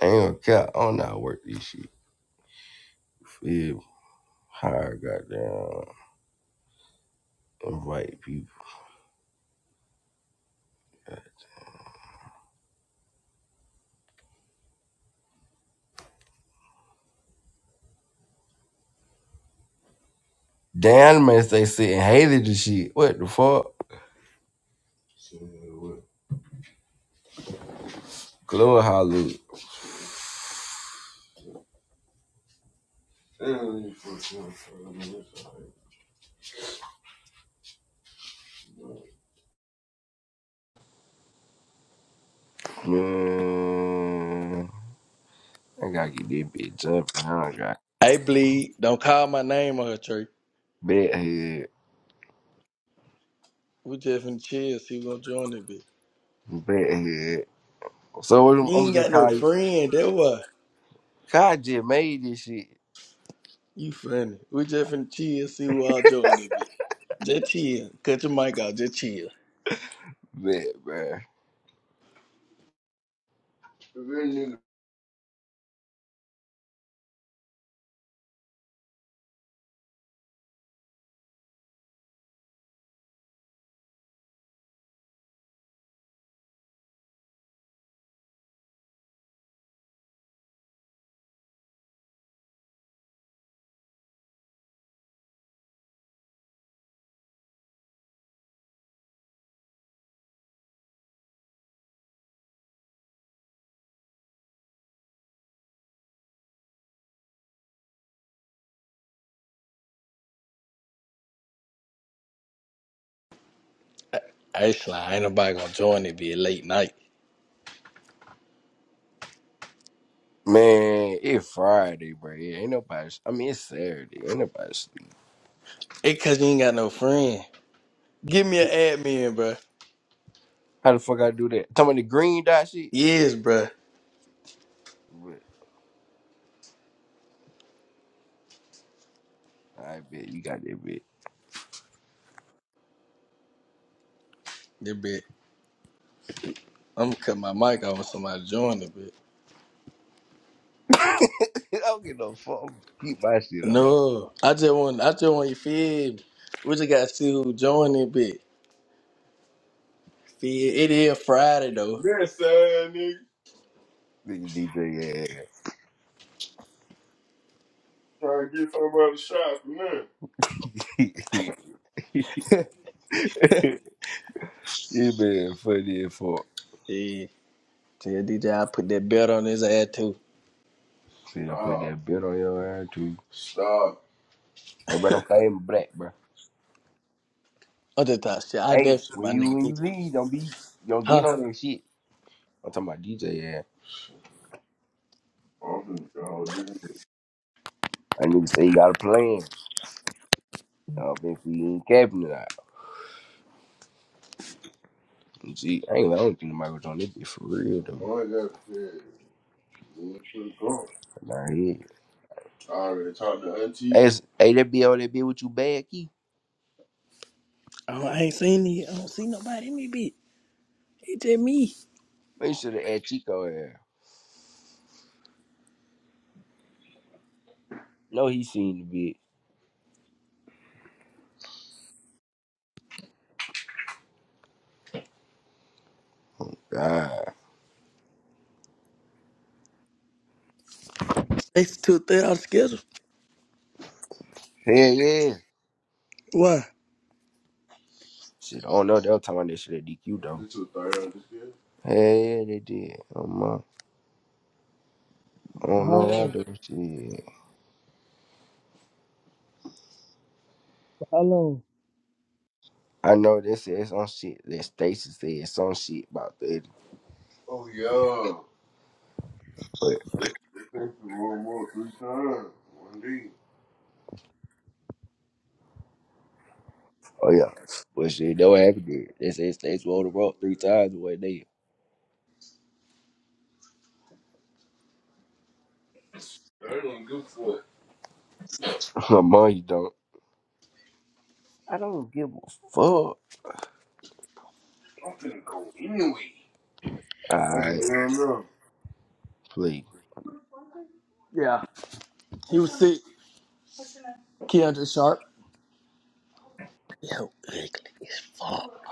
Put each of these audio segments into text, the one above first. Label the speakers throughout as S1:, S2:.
S1: I ain't gonna cap. I don't know how to work this shit. Yeah, hire goddamn invite people. Damn, man, they sitting hated this shit. What the fuck? Glow Hollywood. Man, I gotta get this bitch jumping. I don't got
S2: Hey, bleed. Don't call my name on her, Trey.
S1: bed head,
S2: We just finna chill. See who gonna join that bitch.
S1: bed head. So what I'm,
S2: You
S1: I'm
S2: ain't
S1: gonna
S2: got no
S1: call you.
S2: friend. That why.
S1: Kai just made this shit.
S2: You funny. We just finna chill. See who all join that bitch. Just chill. Cut your mic off. Just chill.
S1: Bet, bruh.
S2: Hey, Sly. Ain't nobody gonna join that bitch late night.
S1: Man, it's Friday, bro. Yeah, ain't nobody. I mean, it's Saturday. Ain't nobody sleep.
S2: It cause you ain't got no friend. Give me an admin, bruh.
S1: How the fuck I do that? Talking about the green dot shit?
S2: Yes, bruh.
S1: But I bet you got that bit.
S2: That bitch. I'm gonna cut my mic off when somebody join that bitch.
S1: I don't get no fuck. Keep my shit on.
S2: No. I just want, I just want you feel me. We just gotta see who join that bitch. Feel, it is Friday though.
S1: Yeah, nigga. Nigga DJ, yeah. you been funny as fuck.
S2: Yeah, tell DJ I put that belt on his ass too.
S1: See, I put that bit on your ass too. Hey, bro, I'm fame black, bro.
S2: I just thought shit. I never
S1: Hey,
S2: shoot
S1: when
S2: my
S1: you
S2: nigga
S1: when you
S2: DJ.
S1: leave, don't be don't
S2: Huh?
S1: get on that shit. I'm talking about DJ, yeah. I need to say you got a plan. I don't think he ain't capping it. Gee, I ain't the only thing the Michael Jordan. It be for real though. Boy, I got shit. Went to the car. Nah, yeah. I already talked to Auntie. Hey, it's- hey, that be on that bit with you bad key.
S2: Oh, I ain't seen it. I don't see nobody in me, bitch. It's just me.
S1: Man, you should have asked Chico there. No, he seen the bitch. Ah,
S2: It's two thirty out of schedule.
S1: hell yeah.
S2: Why?
S1: Shit, I don't know. They was talking about that shit at DQ though. This was third on this year. Hell yeah, they did. I'm, uh, I
S2: For
S1: don't
S2: how
S1: know what I
S2: long?
S1: do. Shit.
S2: For how long?
S1: I know they said some shit that Stacy said some shit about the Oh, yeah. That's the wrong up three times. One D. Oh yeah. But shit, that what happened there. They said states rolled the rock three times the way they They don't give a fuck. Mom, you don't. I don't give a fuck. I'm finna go anyway. Alright, just run please.
S2: Yeah. He was sick. Keandre Sharp. Yo, ugly as fuck.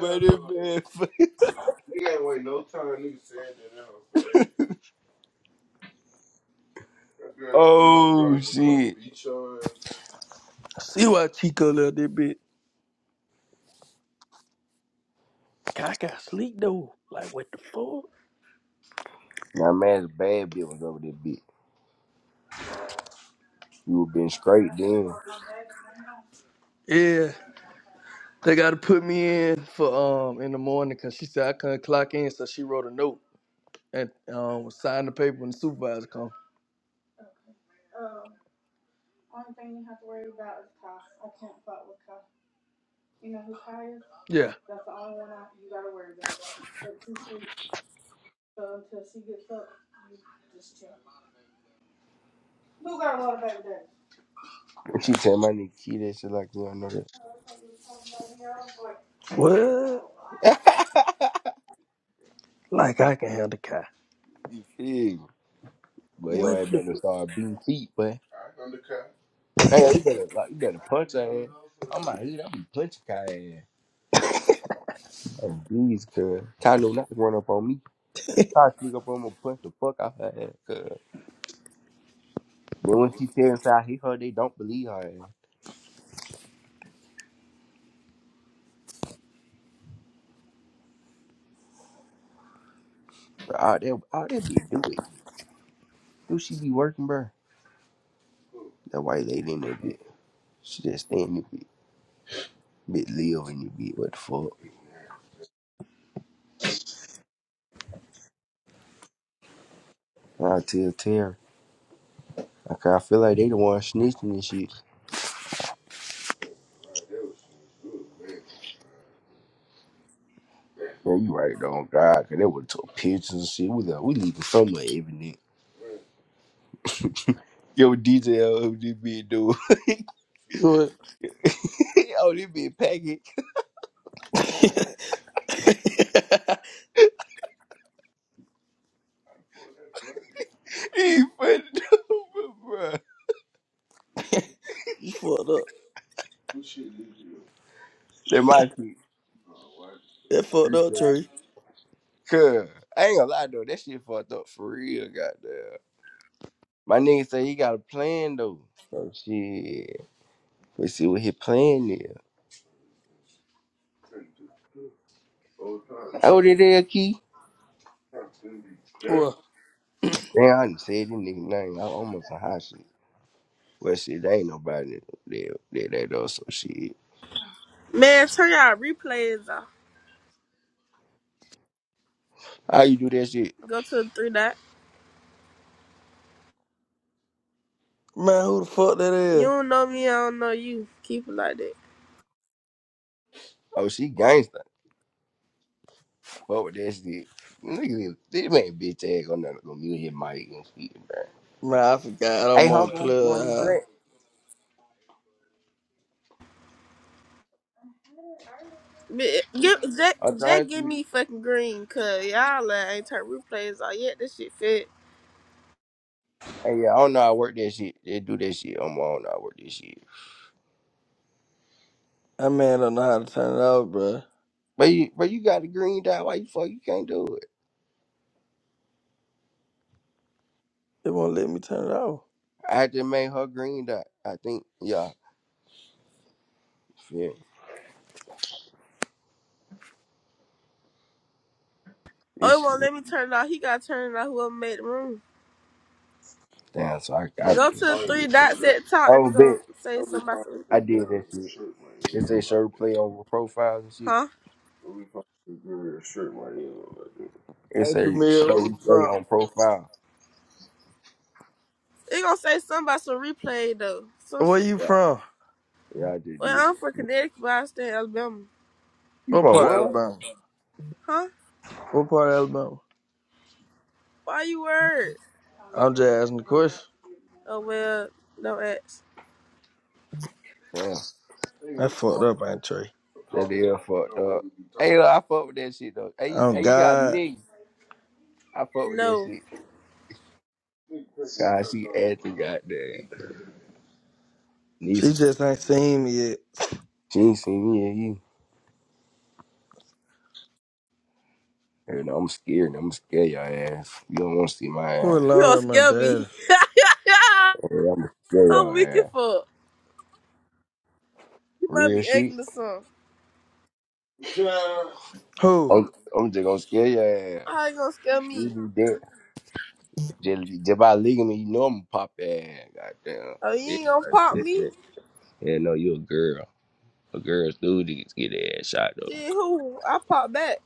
S1: But it no. man Nigga ain't wait no time. Nigga said that out, That girl Oh was gonna shit. beat your ass.
S2: I see why Chico left that bitch. I got sleep though. Like what the fuck?
S1: Now man the bad bitch was over there bitch. You would been straight then.
S2: Yeah. They gotta put me in for um in the morning because she said I couldn't clock in, so she wrote a note. and um sign the paper when the supervisor come. Yeah.
S1: She tell my nigga kid that shit like you don't know
S2: What?
S1: that.
S2: Like I can handle Kai.
S1: You feel me? But yo,
S2: What
S1: I
S2: the?
S1: better start beating feet, but hey, you better like you better punch her ass. I'm out here, I'm punching her ass. Oh jeez, cuz. Kai know not to run up on me. Kai sneak up on me, and punch the fuck out her ass, cuz. Then when she tell inside he her, they don't believe her ass. But all that all that bitch do it. Do she be working, bruh? That white lady in that bitch. She just stay in the bitch. Bit live in the bitch, what the fuck? And I tell Terry. Okay, I feel like they the one snitching and shit. Bro, you right though, on God, cause they would took pictures and shit. We like, we leaving some of evidence. Yo, DJ, oh, this bitch dude.
S2: What?
S1: oh, this bitch packing. He funny dude, bro. That
S2: you fucked up.
S1: my They might be.
S2: That fucked up, Trey.
S1: Cause I ain't gonna lie though, that shit fucked up for real, goddamn. My nigga say he got a plan though. So shit, we see what his plan is. Oh, it is, Key.
S2: What
S1: Damn, I done said this nigga name. I almost a hot shit. Well, shit, there ain't nobody that that that does So shit.
S3: Man, turn y'all replays off.
S1: How you do that shit?
S3: Go to the three dot.
S2: Man, who the fuck that
S3: You
S2: is?
S3: don't know me, I don't know you. Keep it like that.
S1: Oh, she gangsta. Fuck with that shit. Nigga, this man bitch ass gonna never go mute his mic and shit, man.
S2: man, I forgot.
S1: Hey,
S2: I'm on
S1: Hunter, you want this
S2: club.
S1: black?
S3: But give, Jack,
S1: I'm
S3: Jack,
S1: trying
S3: give
S1: to.
S3: me fucking green, cause y'all uh, ain't turn replays off yet. This shit fit.
S1: Hey, yeah, I don't know how to work that shit. They do that shit. I'm on. I don't know how to work this shit.
S2: That man don't know how to turn it off, bro.
S1: But you, but you got the green dot. Why you fuck? You can't do it.
S2: They won't let me turn it off.
S1: I had to make her green dot. I think. Yeah. Yeah.
S3: Oh, it won't let me turn it off. He got turned off. Whoever made the room.
S1: Damn, so I, I I'll do
S3: Go to
S1: be fine
S3: the
S1: shit.
S3: three
S1: with shit. your
S3: dots
S1: girl.
S3: at the top
S1: Oh,
S3: and gonna
S1: bet.
S3: say
S1: I'll be
S3: something about
S1: fine
S3: some,
S1: I with your did that in a shit. shirt right They here. say sure play over profiles and shit.
S3: huh?
S1: I'll be fine with your girl a shirt right Like that.
S2: Hey,
S1: It say
S2: Jamil, where
S1: show
S2: you
S1: play
S2: from?
S1: on profile.
S3: It gonna say something about some replay though. Some
S2: Where
S3: shit.
S2: you
S1: Yeah,
S2: from?
S1: yeah, I just
S3: Well,
S1: did
S3: I'm from
S1: it.
S3: Connecticut, but I stay in Alabama.
S1: You
S2: What
S1: from
S2: part of
S1: what?
S2: Alabama?
S3: Huh?
S2: What part of Alabama?
S3: Why you worried?
S2: I'm just asking the question.
S3: Oh well, don't ask.
S1: Damn, They gonna
S2: That fucked
S1: talk
S2: up, ain't Trey?
S1: that talking deal about what fucked don't up. really be talking Hey, look, I fuck with that shit though. Hey,
S2: Oh
S1: hey, you got a
S2: God.
S1: nigga? I fuck with that
S3: No.
S1: shit. God, shirt she off. acting goddamn.
S2: She
S1: Lisa,
S2: just ain't seen me yet.
S1: she ain't seen me. You know, I'm scared. I'm scared your ass. You don't want to see my
S2: Who
S1: ass.
S3: You
S2: alone
S3: gonna
S2: at my
S3: scare
S2: daddy?
S3: me.
S1: I'm gonna scare
S3: I'm
S1: your
S3: weak as
S1: ass.
S3: fuck. You might
S1: Real
S3: be
S1: shit.
S3: ugly or something.
S2: Who?
S1: I'm, I'm just gonna scare your ass.
S3: How you gonna scare
S1: You
S3: me?
S1: do that. Just, just by leaving me, you know I'm gonna pop your ass. Goddamn.
S3: Oh, you
S1: It's
S3: ain't gonna
S1: like
S3: pop
S1: that,
S3: me?
S1: that. Yeah, no, you a girl. A girl's duty is get their ass shot
S3: Shit,
S1: though.
S3: who? I pop back.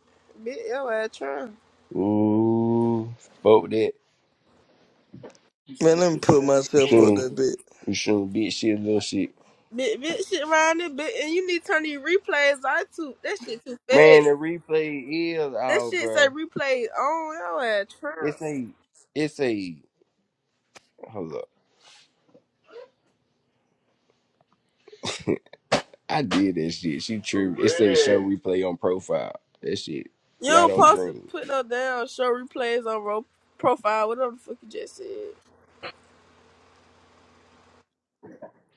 S3: Bitch, yo ass trying.
S1: Ooh, fuck with that. You
S2: Man, let me put myself up
S1: shouldn't,
S2: that bit.
S1: you shouldn't bitch shit, little shit.
S3: Bitch, bitch, shit around it, bitch. And you need to turn these replays I too. That shit too bad.
S1: Man, the replay is
S3: That
S1: out,
S3: shit say
S1: bruh.
S3: replay on yo ass trying.
S1: It's a, it's a. Hold up. I did that shit. She tripped. It's that show replay on profile. That shit
S3: You
S1: not
S3: don't
S1: on
S3: post to
S1: green.
S3: put no damn show replays on ro- profile, whatever the fuck you just said.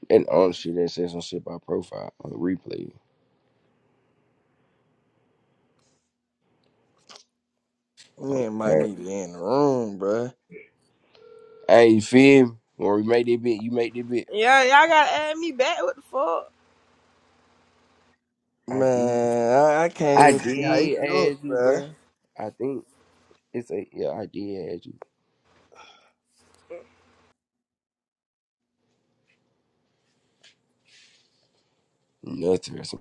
S1: And on shit that says some shit by profile on replay.
S2: Man, might
S1: Right.
S2: need to in the room, bruh.
S1: Hey, you feel me? When we make that bit, you make that bit.
S3: Yeah, y'all gotta add me back. What the fuck?
S1: I did.
S2: Man, I, I
S1: I
S2: can't even see how you
S1: did
S2: look,
S1: ask you,
S2: bruh.
S1: bro. I think it's a yeah. I did ask you. Nothing.